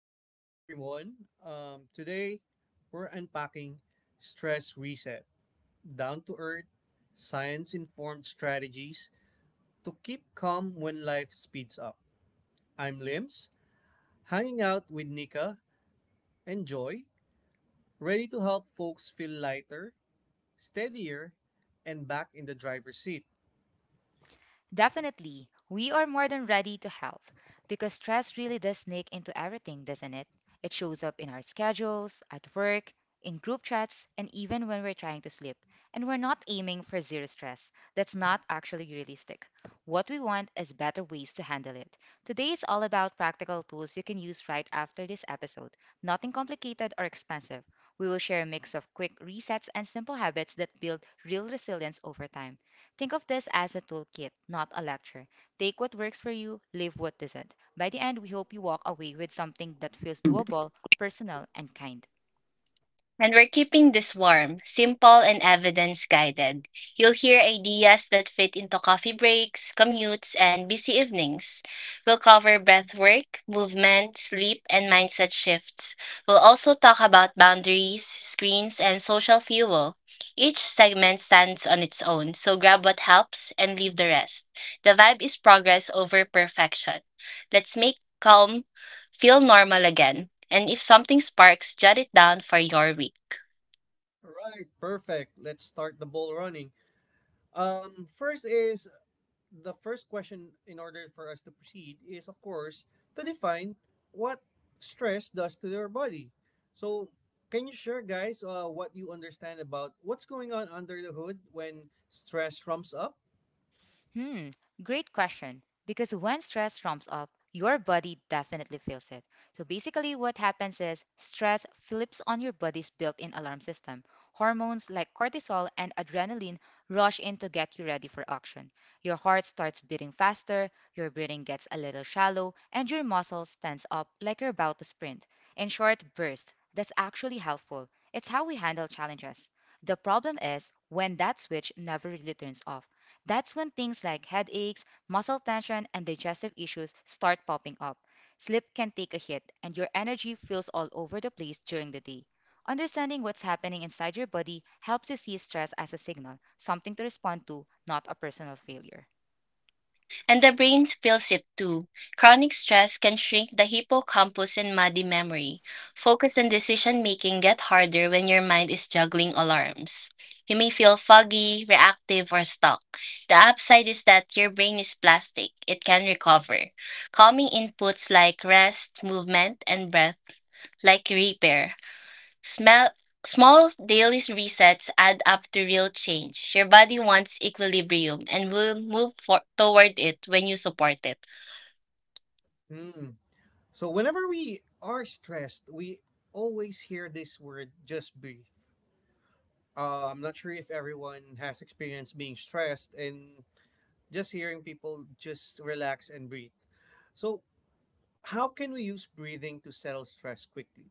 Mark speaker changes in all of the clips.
Speaker 1: Welcome, everyone. Today, we're unpacking stress reset, down to earth, science informed strategies to keep calm when life speeds up. I'm Lims, hanging out with Nika and Joy, ready to help folks feel lighter, steadier, and back in the driver's seat.
Speaker 2: Definitely, we are more than ready to help because stress really does sneak into everything, doesn't it? It shows up in our schedules, at work, in group chats, and even when we're trying to sleep. And we're not aiming for zero stress. That's not actually realistic. What we want is better ways to handle it. Today is all about practical tools you can use right after this episode. Nothing complicated or expensive. We will share a mix of quick resets and simple habits that build real resilience over time. Think of this as a toolkit, not a lecture. Take what works for you, leave what doesn't. By the end, we hope you walk away with something that feels doable, personal, and kind.
Speaker 3: And we're keeping this warm, simple, and evidence guided. You'll hear ideas that fit into coffee breaks, commutes, and busy evenings. We'll cover breath work, movement, sleep, and mindset shifts. We'll also talk about boundaries, screens, and social fuel. Each segment stands on its own, so grab what helps and leave the rest. The vibe is progress over perfection. Let's make calm feel normal again. And if something sparks, jot it down for your week.
Speaker 1: All right, perfect. Let's start the ball running. First is the first question in order for us to proceed is, of course, to define what stress does to your body, so can you share, guys, what you understand about what's going on under the hood when stress rumps up?
Speaker 2: Hmm, great question. Because when stress ramps up, your body definitely feels it. So basically, what happens is stress flips on your body's built in alarm system. Hormones like cortisol and adrenaline rush in to get you ready for action. Your heart starts beating faster, your breathing gets a little shallow, and your muscles tense up like you're about to sprint. In short, bursts. That's actually helpful. It's how we handle challenges. The problem is when that switch never really turns off. That's when things like headaches, muscle tension, and digestive issues start popping up. Sleep can take a hit, and your energy feels all over the place during the day. Understanding what's happening inside your body helps you see stress as a signal, something to respond to, not a personal failure.
Speaker 3: And the brain feels it too. Chronic stress can shrink the hippocampus and muddy memory. Focus and decision making get harder when your mind is juggling alarms. You may feel foggy, reactive, or stuck. The upside is that your brain is plastic. It can recover. Calming inputs like rest, movement, and breath, like repair, smell, small daily resets add up to real change. Your body wants equilibrium and will move toward it when you support it.
Speaker 1: Hmm. So whenever we are stressed, we always hear this word, just breathe. I'm not sure if everyone has experienced being stressed and just hearing people just relax and breathe. So how can we use breathing to settle stress quickly?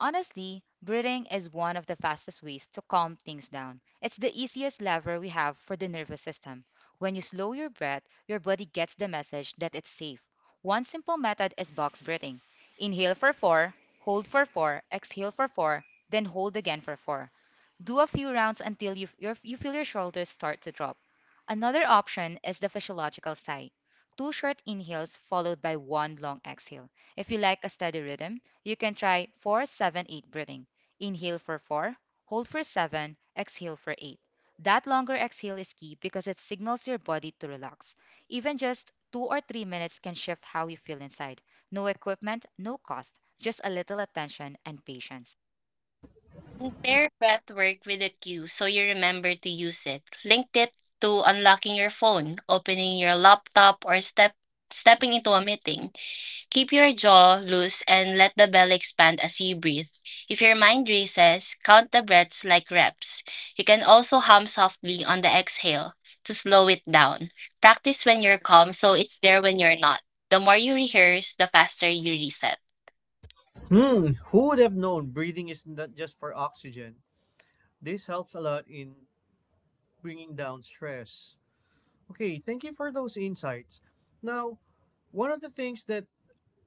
Speaker 2: Honestly, breathing is one of the fastest ways to calm things down. It's the easiest lever we have for the nervous system. When you slow your breath, your body gets the message that it's safe. One simple method is box breathing. Inhale for 4, hold for 4, exhale for 4, then hold again for 4. Do a few rounds until you feel your shoulders start to drop. Another option is the physiological sigh. Two short inhales followed by one long exhale. If you like a steady rhythm, you can try 4-7-8 breathing. Inhale for 4, hold for 7, exhale for 8. That longer exhale is key because it signals your body to relax. Even just 2 or 3 minutes can shift how you feel inside. No equipment, no cost, just a little attention and patience.
Speaker 3: And pair breathwork with a cue so you remember to use it. Link it to unlocking your phone, opening your laptop, or stepping into a meeting. Keep your jaw loose and let the belly expand as you breathe. If your mind races, count the breaths like reps. You can also hum softly on the exhale to slow it down. Practice when you're calm so it's there when you're not. The more you rehearse, the faster you reset.
Speaker 1: Hmm, who would have known breathing is not just for oxygen? This helps a lot in bringing down stress. Okay, thank you for those insights. Now, one of the things that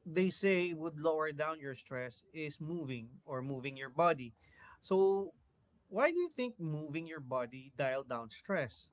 Speaker 1: they say would lower down your stress is moving, or moving your body. So why do you think moving your body dial down stress?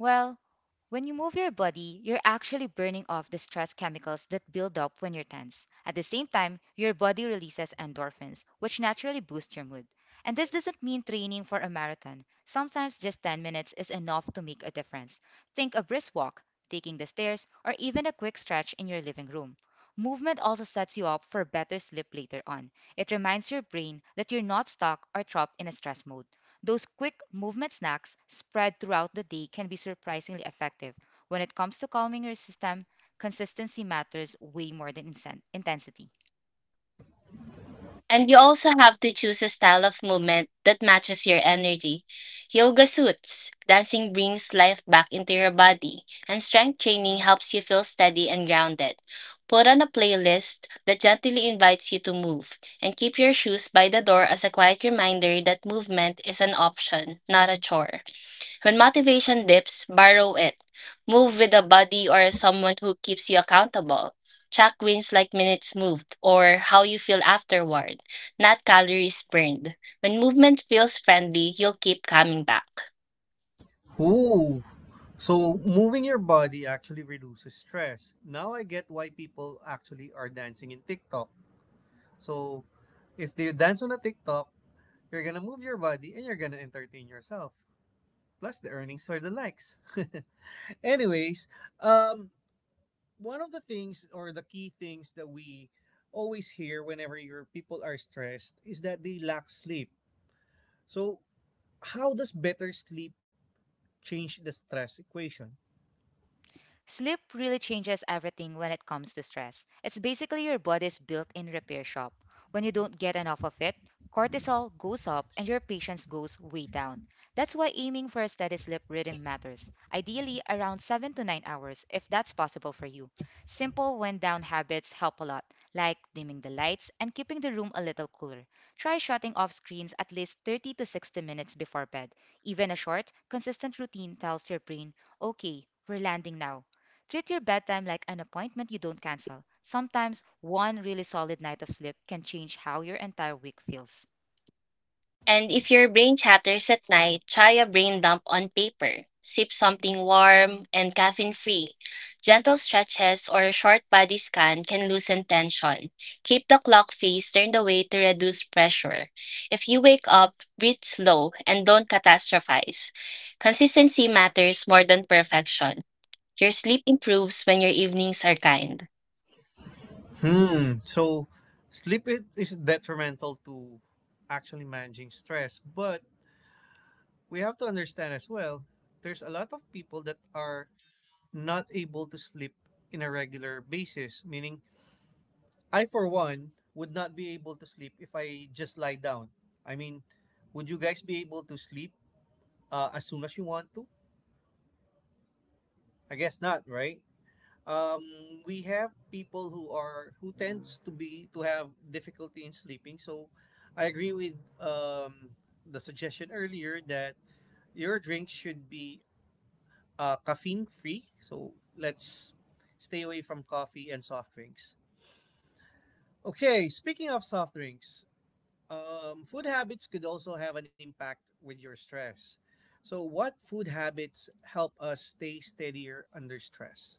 Speaker 2: Well, when you move your body, you're actually burning off the stress chemicals that build up when you're tense. At the same time, your body releases endorphins, which naturally boost your mood. And this doesn't mean training for a marathon. Sometimes just 10 minutes is enough to make a difference. Think a brisk walk, taking the stairs, or even a quick stretch in your living room. Movement also sets you up for better sleep later on. It reminds your brain that you're not stuck or trapped in a stress mode. Those quick movement snacks spread throughout the day can be surprisingly effective. When it comes to calming your system, consistency matters way more than intensity.
Speaker 3: And you also have to choose a style of movement that matches your energy. Yoga suits. Dancing brings life back into your body, and strength training helps you feel steady and grounded. Put on a playlist that gently invites you to move, and keep your shoes by the door as a quiet reminder that movement is an option, not a chore. When motivation dips, borrow it. Move with a buddy or someone who keeps you accountable. Track wins like minutes moved or how you feel afterward, not calories burned. When movement feels friendly, you'll keep coming back.
Speaker 1: Ooh, so moving your body actually reduces stress. Now I get why people actually are dancing in TikTok. So if you dance on a TikTok, you're gonna move your body and you're gonna entertain yourself. Plus, the earnings for the likes. Anyways, um, one of the things, or the key things, that we always hear whenever your people are stressed is that they lack sleep. So how does better sleep change the stress equation?
Speaker 2: Sleep really changes everything when it comes to stress. It's basically your body's built in repair shop. When you don't get enough of it, cortisol goes up and your patience goes way down. That's why aiming for a steady sleep rhythm matters, ideally around 7 to 9 hours if that's possible for you. Simple wind down habits help a lot, like dimming the lights and keeping the room a little cooler. Try shutting off screens at least 30 to 60 minutes before bed. Even a short, consistent routine tells your brain, okay, we're landing now. Treat your bedtime like an appointment you don't cancel. Sometimes one really solid night of sleep can change how your entire week feels.
Speaker 3: And if your brain chatters at night, try a brain dump on paper. Sip something warm and caffeine free. Gentle stretches or a short body scan can loosen tension. Keep the clock face turned away to reduce pressure. If you wake up, breathe slow and don't catastrophize. Consistency matters more than perfection. Your sleep improves when your evenings are kind.
Speaker 1: Hmm. So sleep is detrimental to actually managing stress, but we have to understand as well, there's a lot of people that are not able to sleep in a regular basis, meaning I for one would not be able to sleep if I just lie down. I mean, would you guys be able to sleep as soon as you want to? I guess not, right? um, we have people who are, who tends to be, to have difficulty in sleeping, so I agree with um, the suggestion earlier that your drinks should be caffeine free. So let's stay away from coffee and soft drinks. Okay, speaking of soft drinks, food habits could also have an impact with your stress. So what food habits help us stay steadier under stress?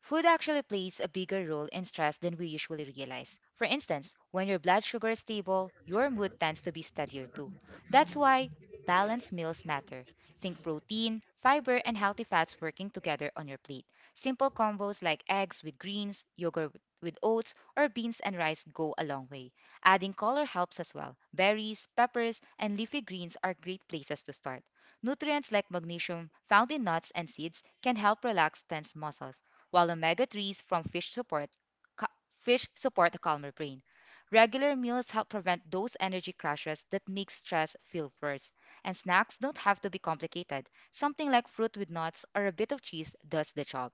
Speaker 2: Food actually plays a bigger role in stress than we usually realize. For instance, when your blood sugar is stable, your mood tends to be steadier too. That's why balanced meals matter. Think protein, fiber, and healthy fats working together on your plate. Simple combos like eggs with greens, yogurt with oats, or beans and rice go a long way. Adding color helps as well. Berries, peppers, and leafy greens are great places to start. Nutrients like magnesium found in nuts and seeds can help relax tense muscles while omega-3s from ca- fish support a calmer brain. Regular meals help prevent those energy crashes that make stress feel worse. And snacks don't have to be complicated. Something like fruit with nuts or a bit of cheese does the job.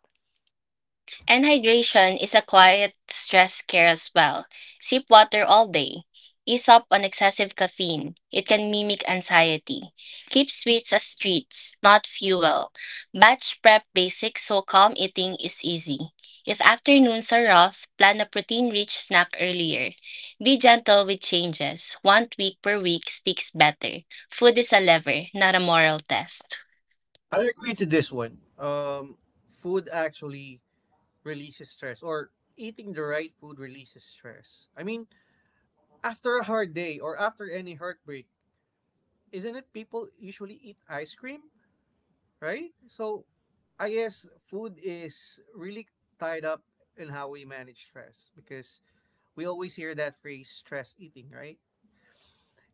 Speaker 3: And hydration is a quiet stress care as well. Sip water all day. Ease up on excessive caffeine. It can mimic anxiety. Keep sweets as treats, not fuel. Batch prep basics so calm eating is easy. If afternoons are rough, plan a protein rich snack earlier. Be gentle with changes. One tweak per week sticks better. Food is a lever, not a moral test.
Speaker 1: I agree to this one. Food actually releases stress, or eating the right food releases stress. I mean, after a hard day or after any heartbreak, isn't it people usually eat ice cream, right? So I guess food is really tied up in how we manage stress, because we always hear that phrase, stress eating, right?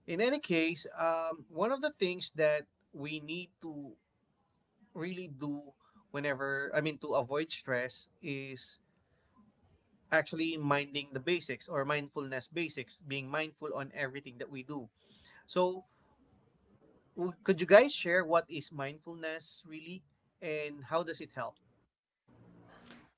Speaker 1: In any case, one of the things that we need to really do whenever, I mean, to avoid stress, is actually minding the basics, or mindfulness basics, being mindful on everything that we do. So, could you guys share what is mindfulness really and how does it help?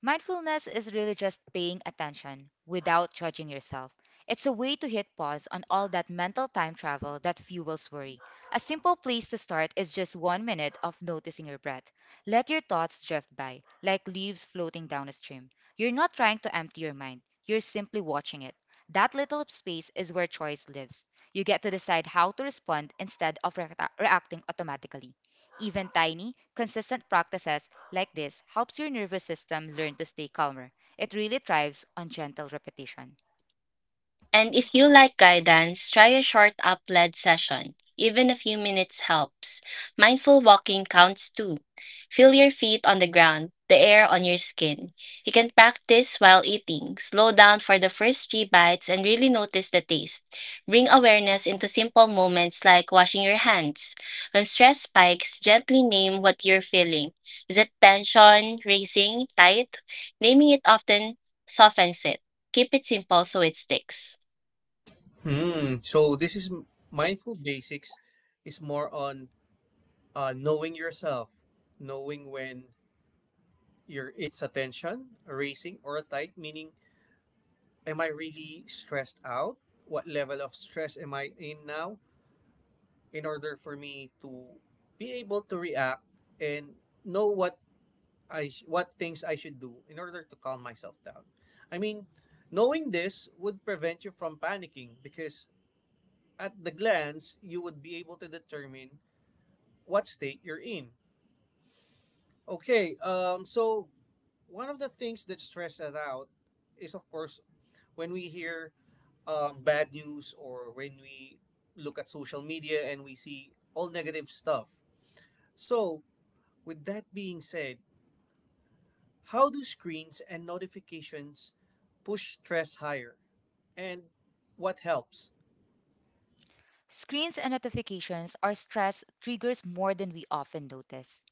Speaker 2: Mindfulness is really just paying attention without judging yourself. It's a way to hit pause on all that mental time travel that fuels worry. A simple place to start is just 1 minute of noticing your breath. Let your thoughts drift by, like leaves floating down a stream. You're not trying to empty your mind, you're simply watching it. That little space is where choice lives. You get to decide how to respond instead of reacting automatically. Even tiny, consistent practices like this helps your nervous system learn to stay calmer. It really thrives on gentle repetition.
Speaker 3: And if you like guidance, try a short up led session. Even a few minutes helps. Mindful walking counts too. Feel your feet on the ground, the air on your skin. You can practice while eating. Slow down for the first three bites and really notice the taste. Bring awareness into simple moments like washing your hands. When stress spikes, gently name what you're feeling. Is it tension, racing, tight? Naming it often softens it. Keep it simple so it sticks.
Speaker 1: Hmm. So this is mindful basics, is more on knowing yourself, knowing when your it's attention racing or tight. Meaning, am I really stressed out? What level of stress am I in now? In order for me to be able to react and know what what things I should do in order to calm myself down. I mean, knowing this would prevent you from panicking, because at the glance you would be able to determine what state you're in. Okay, so one of the things that stresses us out is, of course, when we hear bad news, or when we look at social media and we see all negative stuff. So, with that being said, how do screens and notifications push stress higher? And what helps?
Speaker 2: Screens and notifications are stress triggers more than we often notice.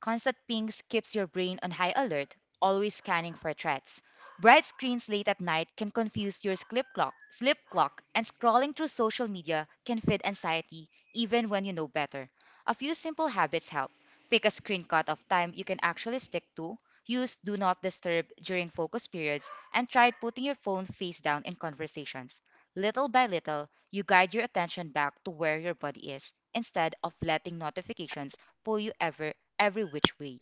Speaker 2: Constant pings keeps your brain on high alert, always scanning for threats. Bright screens late at night can confuse your sleep clock, and scrolling through social media can feed anxiety even when you know better. A few simple habits help. Pick a screen cutoff time you can actually stick to. Use do not disturb during focus periods and try putting your phone face down in conversations. Little by little, you guide your attention back to where your body is instead of letting notifications pull you every which way.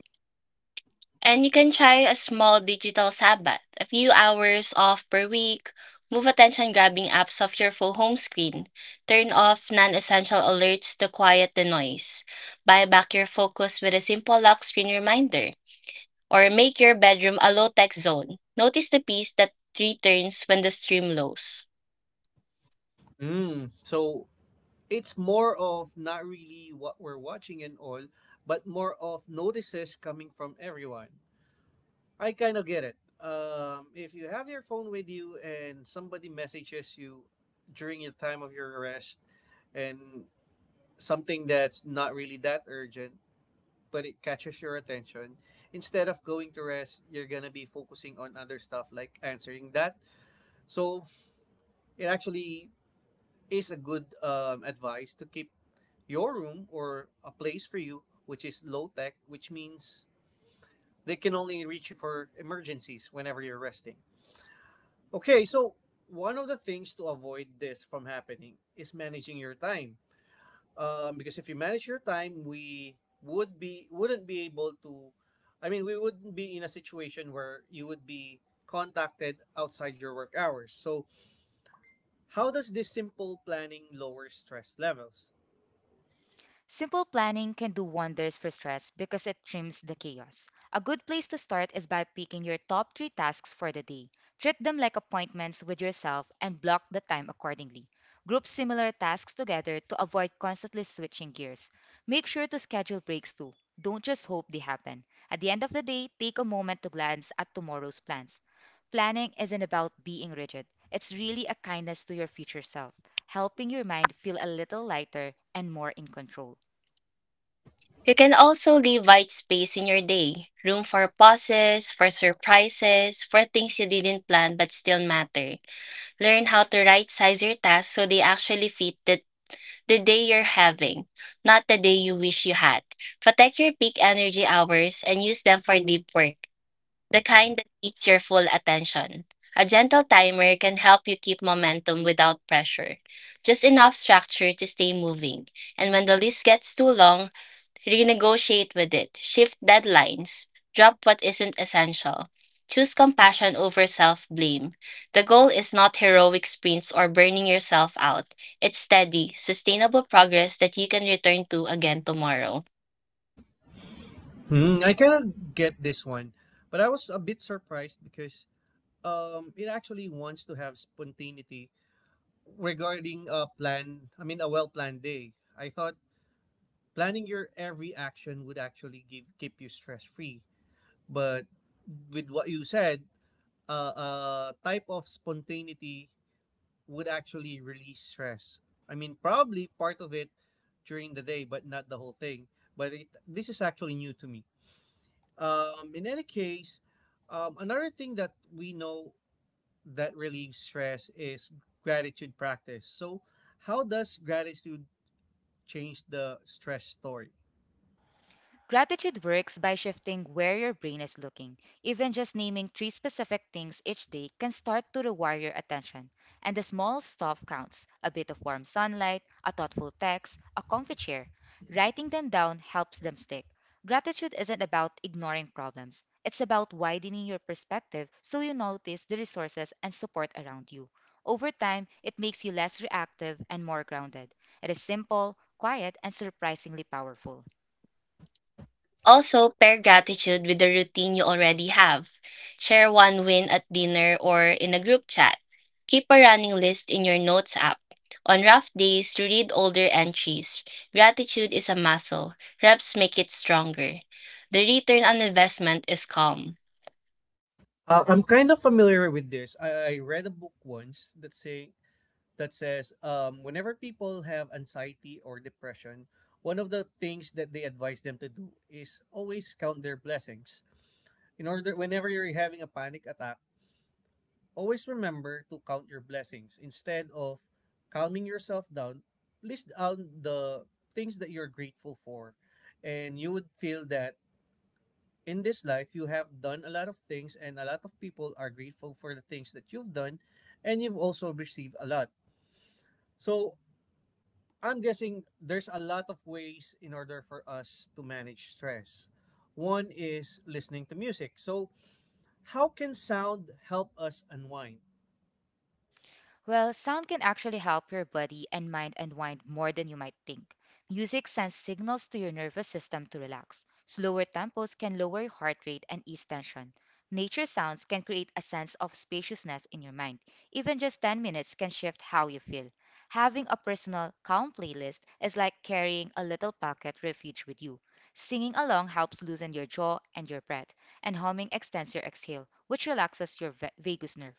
Speaker 3: And you can try a small digital Sabbath, a few hours off per week. Move attention grabbing apps off your full home screen. Turn off non essential alerts to quiet the noise. Buy back your focus with a simple lock screen reminder. Or make your bedroom a low tech zone. Notice the piece that returns when the stream lows.
Speaker 1: Mm, so it's more of not really what we're watching and all, but more of notices coming from everyone. I kind of get it. If you have your phone with you and somebody messages you during the time of your arrest, and something that's not really that urgent, but it catches your attention, instead of going to rest, you're going to be focusing on other stuff like answering that. So it actually is a good advice to keep your room, or a place for you, which is low tech, which means they can only reach you for emergencies whenever you're resting. Okay, so one of the things to avoid this from happening is managing your time. Because if you manage your time, we would be wouldn't be able to. I mean, we wouldn't be in a situation where you would be contacted outside your work hours. So how does this simple planning lower stress levels?
Speaker 2: Simple planning can do wonders for stress because it trims the chaos. A good place to start is by picking your top three tasks for the day. Treat them like appointments with yourself and block the time accordingly. Group similar tasks together to avoid constantly switching gears. Make sure to schedule breaks too. Don't just hope they happen. At the end of the day, take a moment to glance at tomorrow's plans. Planning isn't about being rigid, it's really a kindness to your future self, helping your mind feel a little lighter and more in control.
Speaker 3: You can also leave white space in your day room for pauses, for surprises, for things you didn't plan but still matter. Learn how to right size your tasks so they actually fit the day you're having, not the day you wish you had. Protect your peak energy hours and use them for deep work, the kind that needs your full attention. A gentle timer can help you keep momentum without pressure, just enough structure to stay moving. And when the list gets too long, renegotiate with it, shift deadlines, drop what isn't essential. Choose compassion over self blame. The goal is not heroic sprints or burning yourself out. It's steady, sustainable progress that you can return to again tomorrow.
Speaker 1: Hmm, I kind of get this one, but I was a bit surprised because it actually wants to have spontaneity regarding a plan. I mean, a well planned day. I thought planning your every action would actually give keep you stress free, but with what you said, type of spontaneity would actually release stress. I mean, probably part of it during the day, but not the whole thing. This is actually new to me. In any case, another thing that we know that relieves stress is gratitude practice. So how does gratitude change the stress story?
Speaker 2: Gratitude works by shifting where your brain is looking. Even just naming three specific things each day can start to rewire your attention. And the small stuff counts a bit of warm sunlight, a thoughtful text, a comfy chair. Writing them down helps them stick. Gratitude isn't about ignoring problems, it's about widening your perspective so you notice the resources and support around you. Over time, it makes you less reactive and more grounded. It is simple, quiet, and surprisingly powerful.
Speaker 3: Also, pair gratitude with the routine you already have. Share one win at dinner or in a group chat. Keep a running list in your notes app. On rough days, read older entries. Gratitude is a muscle. Reps make it stronger. The return on investment is calm.
Speaker 1: I'm kind of familiar with this. I read a book once that says whenever people have anxiety or depression, one of the things that they advise them to do is always count their blessings. In order, whenever you're having a panic attack, always remember to count your blessings instead of calming yourself down. List down the things that you're grateful for, and you would feel that in this life you have done a lot of things, and a lot of people are grateful for the things that you've done, and you've also received a lot. So I'm guessing there's a lot of ways in order for us to manage stress. One is listening to music. So how can sound help us unwind?
Speaker 2: Well, sound can actually help your body and mind unwind more than you might think. Music sends signals to your nervous system to relax. Slower tempos can lower your heart rate and ease tension. Nature sounds can create a sense of spaciousness in your mind. Even just 10 minutes can shift how you feel. Having a personal, calm playlist is like carrying a little pocket refuge with you. Singing along helps loosen your jaw and your breath, and humming extends your exhale, which relaxes your vagus nerve.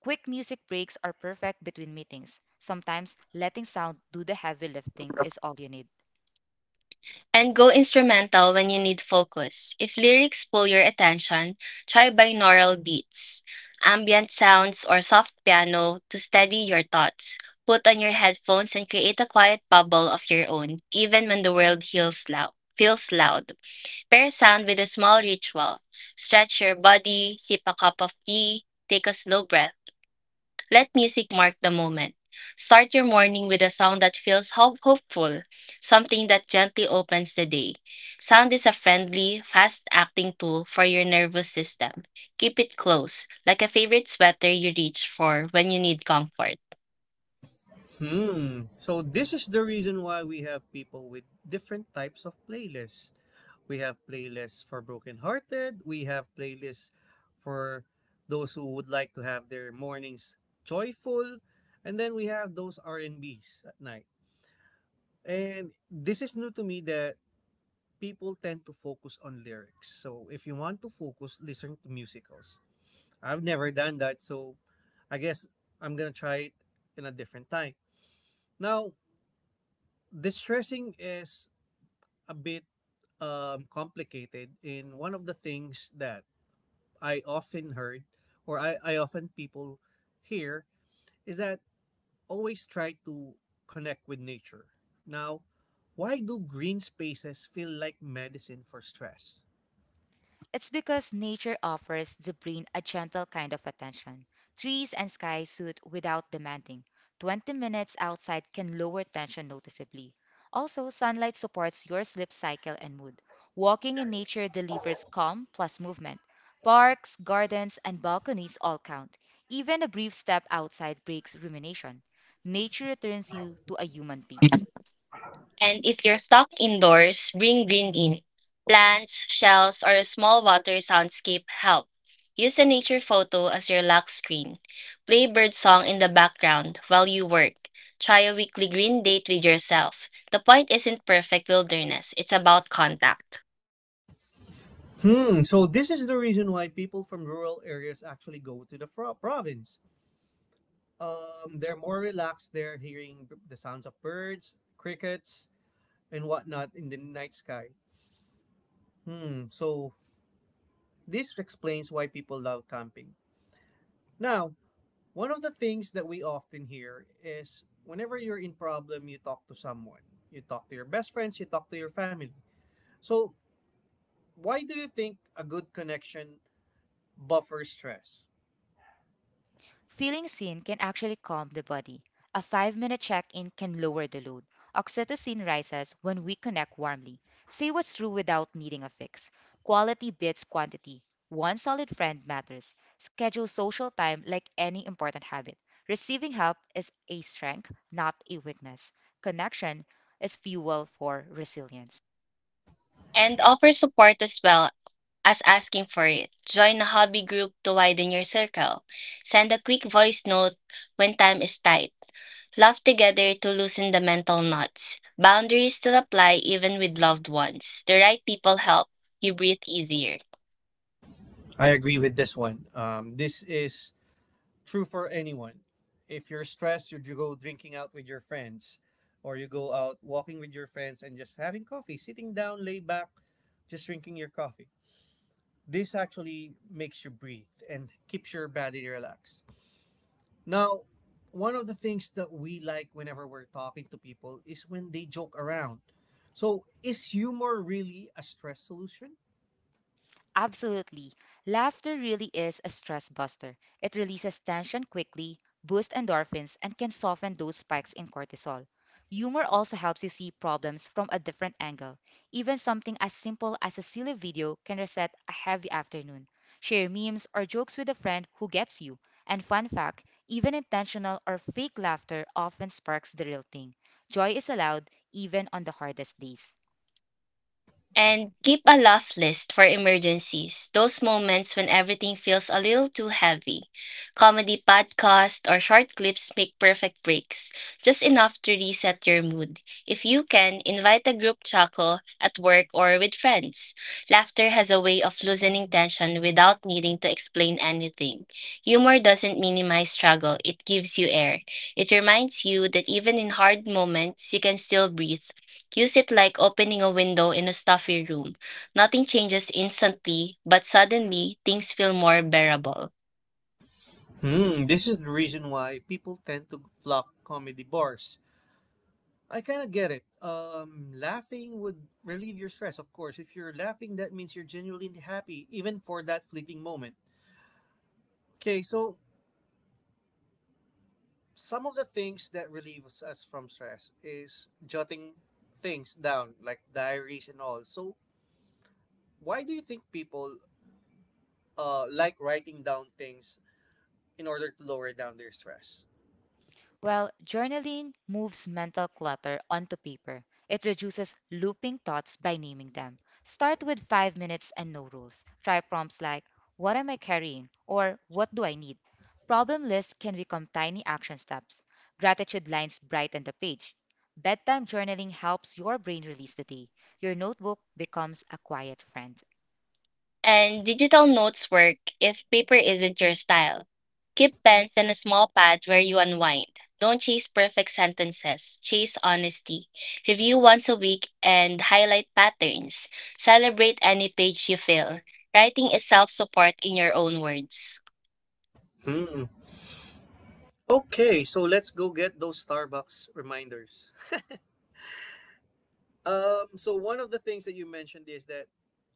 Speaker 2: Quick music breaks are perfect between meetings. Sometimes letting sound do the heavy lifting is all you need.
Speaker 3: And go instrumental when you need focus. If lyrics pull your attention, try binaural beats, ambient sounds, or soft piano to steady your thoughts. Put on your headphones and create a quiet bubble of your own, even when the world feels loud. Pair sound with a small ritual. Stretch your body, sip a cup of tea, take a slow breath, let music mark the moment. Start your morning with a sound that feels hopeful, something that gently opens the day. Sound is a friendly, fast acting tool for your nervous system. Keep it close, like a favorite sweater you reach for when you need comfort.
Speaker 1: Hmm. So this is the reason why we have people with different types of playlists. We have playlists for brokenhearted. We have playlists for those who would like to have their mornings joyful, and then we have those R and Bs at night. And this is new to me that people tend to focus on lyrics. So if you want to focus, listen to musicals. I've never done that, so I guess I'm gonna try it in a different time. Now, distressing is a bit complicated. In one of the things that I often heard, I often people hear, is that always try to connect with nature. Now, why do green spaces feel like medicine for stress?
Speaker 2: It's because nature offers the brain a gentle kind of attention. Trees and sky suit without demanding. 20 minutes outside can lower tension noticeably. Also, sunlight supports your sleep cycle and mood. Walking in nature delivers calm plus movement. Parks, gardens, and balconies all count. Even a brief step outside breaks rumination. Nature returns you to a human peace.
Speaker 3: And if you're stuck indoors, bring green in. Plants, shells, or a small water soundscape help. Use a nature photo as your lock screen. Play bird song in the background while you work. Try a weekly green date with yourself. The point isn't perfect wilderness, it's about contact.
Speaker 1: Hmm, so this is the reason why people from rural areas actually go to the province. They're more relaxed, they're hearing the sounds of birds, crickets, and whatnot in the night sky. Hmm, so this explains why people love camping. Now, one of the things that we often hear is whenever you're in problem, you talk to someone. You talk to your best friends, you talk to your family. So why do you think a good connection buffers stress?
Speaker 2: Feeling seen can actually calm the body. A 5 minute check in can lower the load. Oxytocin rises when we connect warmly. Say what's true without needing a fix. Quality beats quantity. One solid friend matters. Schedule social time like any important habit. Receiving help is a strength, not a weakness. Connection is fuel for resilience.
Speaker 3: And offer support as well as asking for it. Join a hobby group to widen your circle. Send a quick voice note when time is tight. Laugh together to loosen the mental knots. Boundaries still apply even with loved ones. The right people help you breathe easier.
Speaker 1: I agree with this one. This is true for anyone. If you're stressed, you go drinking out with your friends, or you go out walking with your friends and just having coffee, sitting down, lay back, just drinking your coffee. This actually makes you breathe and keeps your body relaxed. Now, one of the things that we like whenever we're talking to people is when they joke around. So, is humor really a stress solution?
Speaker 2: Absolutely. Laughter really is a stress buster. It releases tension quickly, boosts endorphins, and can soften those spikes in cortisol. Humor also helps you see problems from a different angle. Even something as simple as a silly video can reset a heavy afternoon. Share memes or jokes with a friend who gets you. And fun fact, even intentional or fake laughter often sparks the real thing. Joy is allowed even on the hardest days.
Speaker 3: And keep a laugh list for emergencies, those moments when everything feels a little too heavy. Comedy podcasts or short clips make perfect breaks, just enough to reset your mood. If you can, invite a group chuckle at work or with friends. Laughter has a way of loosening tension without needing to explain anything. Humor doesn't minimize struggle, it gives you air. It reminds you that even in hard moments, you can still breathe. Use it like opening a window in a stuffy room. Nothing changes instantly, but suddenly things feel more bearable.
Speaker 1: Hmm, this is the reason why people tend to flock comedy bars. I kind of get it. Laughing would relieve your stress, of course. If you're laughing, that means you're genuinely happy, even for that fleeting moment. Okay, so some of the things that relieves us from stress is jotting things down like diaries and all. So why do you think people like writing down things in order to lower down their stress?
Speaker 2: Well, journaling moves mental clutter onto paper. It reduces looping thoughts by naming them. Start with 5 minutes and no rules. Try prompts like, what am I carrying? Or what do I need? Problem lists can become tiny action steps. Gratitude lines brighten the page. Bedtime journaling helps your brain release the day. Your notebook becomes a quiet friend.
Speaker 3: And digital notes work if paper isn't your style. Keep pens and a small pad where you unwind. Don't chase perfect sentences, chase honesty. Review once a week and highlight patterns. Celebrate any page you fill. Writing is self support in your own words.
Speaker 1: Hmm. Okay, so let's go get those Starbucks reminders. So one of the things that you mentioned is that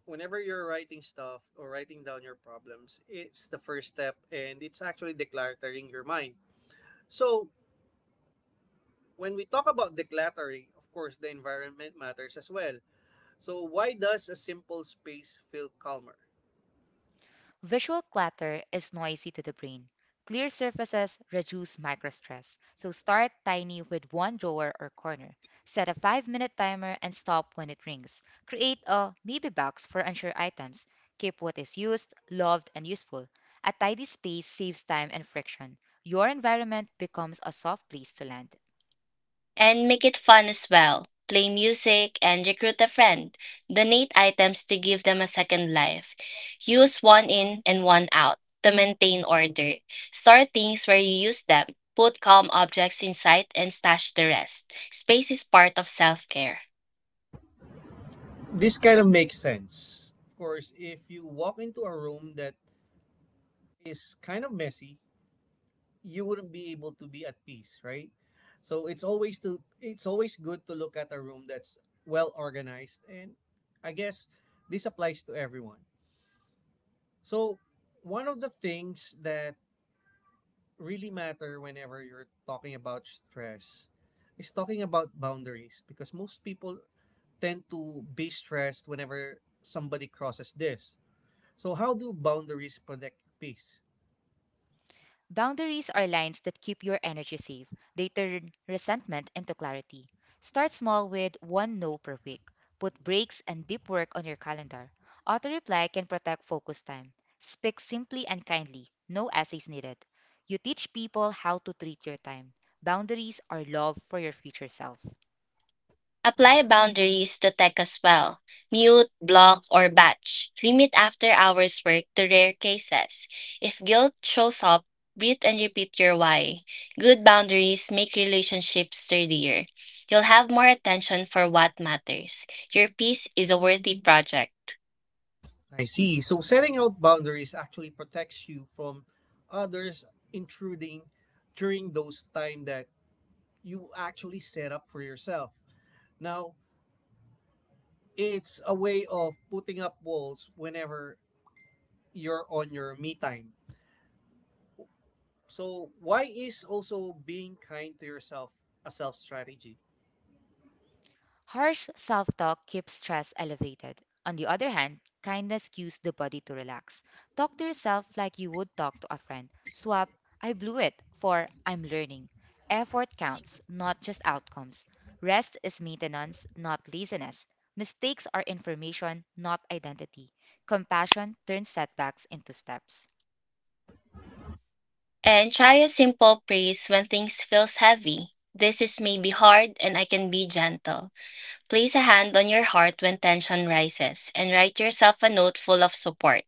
Speaker 1: whenever you're writing stuff or writing down your problems, it's the first step, and it's actually decluttering your mind. So when we talk about decluttering, of course, the environment matters as well. So why does a simple space feel calmer?
Speaker 2: Visual clutter is noisy to the brain. Clear surfaces reduce microstress, so start tiny with one drawer or corner. Set a 5-minute timer and stop when it rings. Create a maybe box for unsure items. Keep what is used, loved, and useful. A tidy space saves time and friction. Your environment becomes a soft place to land.
Speaker 3: And make it fun as well. Play music and recruit a friend. Donate items to give them a second life. Use one in and one out to maintain order. Store things where you use them. Put calm objects in sight and stash the rest. Space is part of self care.
Speaker 1: This kind of makes sense. Of course, if you walk into a room that is kind of messy, you wouldn't be able to be at peace, right? So it's always good to look at a room that's well organized, and I guess this applies to everyone. So one of the things that really matter whenever you're talking about stress is talking about boundaries, because most people tend to be stressed whenever somebody crosses this. So how do boundaries protect your peace?
Speaker 2: Boundaries are lines that keep your energy safe. They turn resentment into clarity. Start small with one no per week. Put breaks and deep work on your calendar. Auto reply can protect focus time. Speak simply and kindly. No essays needed. You teach people how to treat your time. Boundaries are love for your future self.
Speaker 3: Apply boundaries to tech as well. Mute, block, or batch. Limit after hours work to rare cases. If guilt shows up, breathe and repeat your why. Good boundaries make relationships sturdier. You'll have more attention for what matters. Your peace is a worthy project.
Speaker 1: I see. So setting out boundaries actually protects you from others intruding during those time that you actually set up for yourself. Now, it's a way of putting up walls whenever you're on your me time. So why is also being kind to yourself a self strategy?
Speaker 2: Harsh self talk keeps stress elevated. On the other hand, kindness cues the body to relax. Talk to yourself like you would talk to a friend. Swap, I blew it, for I'm learning. Effort counts, not just outcomes. Rest is maintenance, not laziness. Mistakes are information, not identity. Compassion turns setbacks into steps.
Speaker 3: And try a simple praise when things feels heavy. This is maybe hard and I can be gentle. Place a hand on your heart when tension rises and write yourself a note full of support,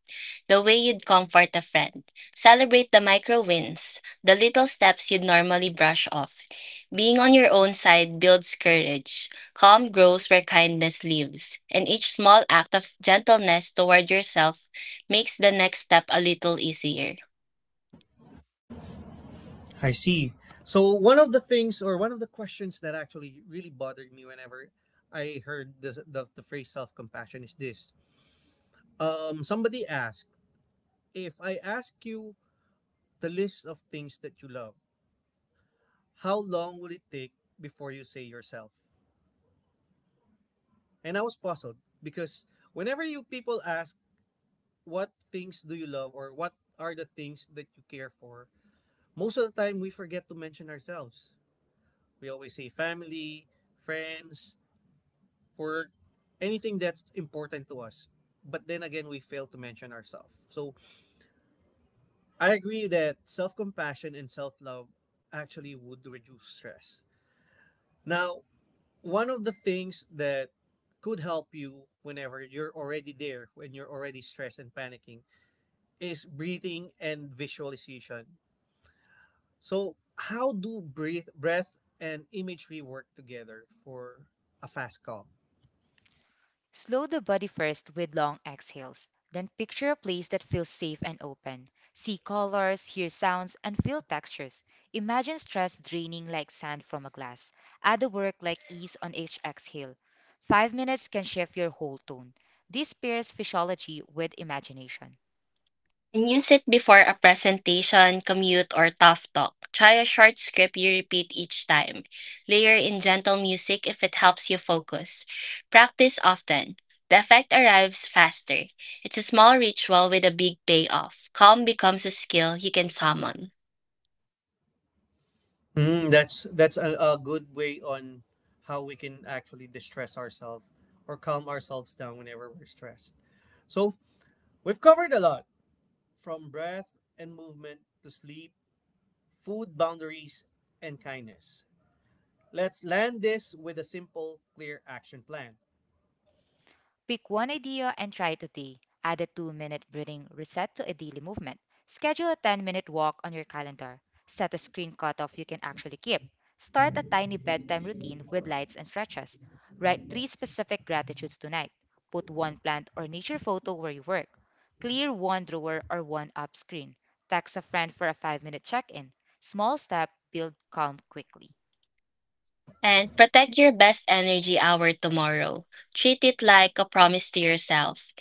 Speaker 3: the way you'd comfort a friend. Celebrate the micro wins, the little steps you'd normally brush off. Being on your own side builds courage. Calm grows where kindness lives, and each small act of gentleness toward yourself makes the next step a little easier.
Speaker 1: I see. So one of the things, or one of the questions, that actually really bothered me whenever I heard this, the phrase self compassion, is this. Somebody asked, if I ask you the list of things that you love, how long will it take before you say yourself? And I was puzzled, because whenever you people ask, what things do you love, or what are the things that you care for, most of the time, we forget to mention ourselves. We always say family, friends, work, anything that's important to us. But then again, we fail to mention ourselves. So I agree that self compassion and self love actually would reduce stress. Now, one of the things that could help you whenever you're already there, when you're already stressed and panicking, is breathing and visualization. So how do breath and imagery work together for a fast calm?
Speaker 2: Slow the body first with long exhales. Then picture a place that feels safe and open. See colors, hear sounds, and feel textures. Imagine stress draining like sand from a glass. Add a work like ease on each exhale. 5 minutes can shift your whole tone. This pairs physiology with imagination.
Speaker 3: When you sit before a presentation, commute, or tough talk, try a short script you repeat each time. Layer in gentle music if it helps you focus. Practice often. The effect arrives faster. It's a small ritual with a big payoff. Calm becomes a skill you can summon.
Speaker 1: Mm, that's a good way on how we can actually distress ourselves or calm ourselves down whenever we're stressed. So we've covered a lot, from breath and movement to sleep, food boundaries, and kindness. Let's land this with a simple, clear action plan.
Speaker 2: Pick one idea and try it today. Add a 2 minute breathing reset to a daily movement. Schedule a 10-minute walk on your calendar. Set a screen cutoff you can actually keep. Start a tiny bedtime routine with lights and stretches. Write three specific gratitudes tonight. Put one plant or nature photo where you work. Clear one drawer or one app screen. Text a friend for a 5 minute check in. Small step build calm quickly.
Speaker 3: And protect your best energy hour tomorrow. Treat it like a promise to yourself.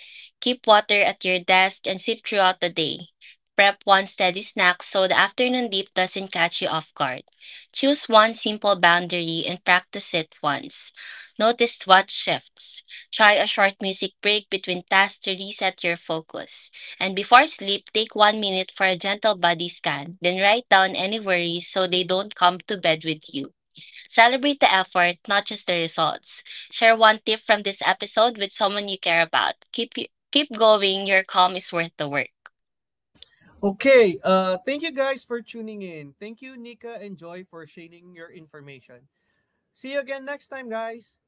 Speaker 3: Keep water at your desk and sip throughout the day. Prep one steady snack so the afternoon dip doesn't catch you off guard. Choose one simple boundary and practice it once. Notice what shifts. Try a short music break between tasks to reset your focus. And before sleep, take 1 minute for a gentle body scan, then write down any worries so they don't come to bed with you. Celebrate the effort, not just the results. Share one tip from this episode with someone you care about. Keep going. Your calm is worth the work.
Speaker 1: Okay, thank you guys for tuning in. Thank you, Nika and Joy, for sharing your information. See you again next time, guys!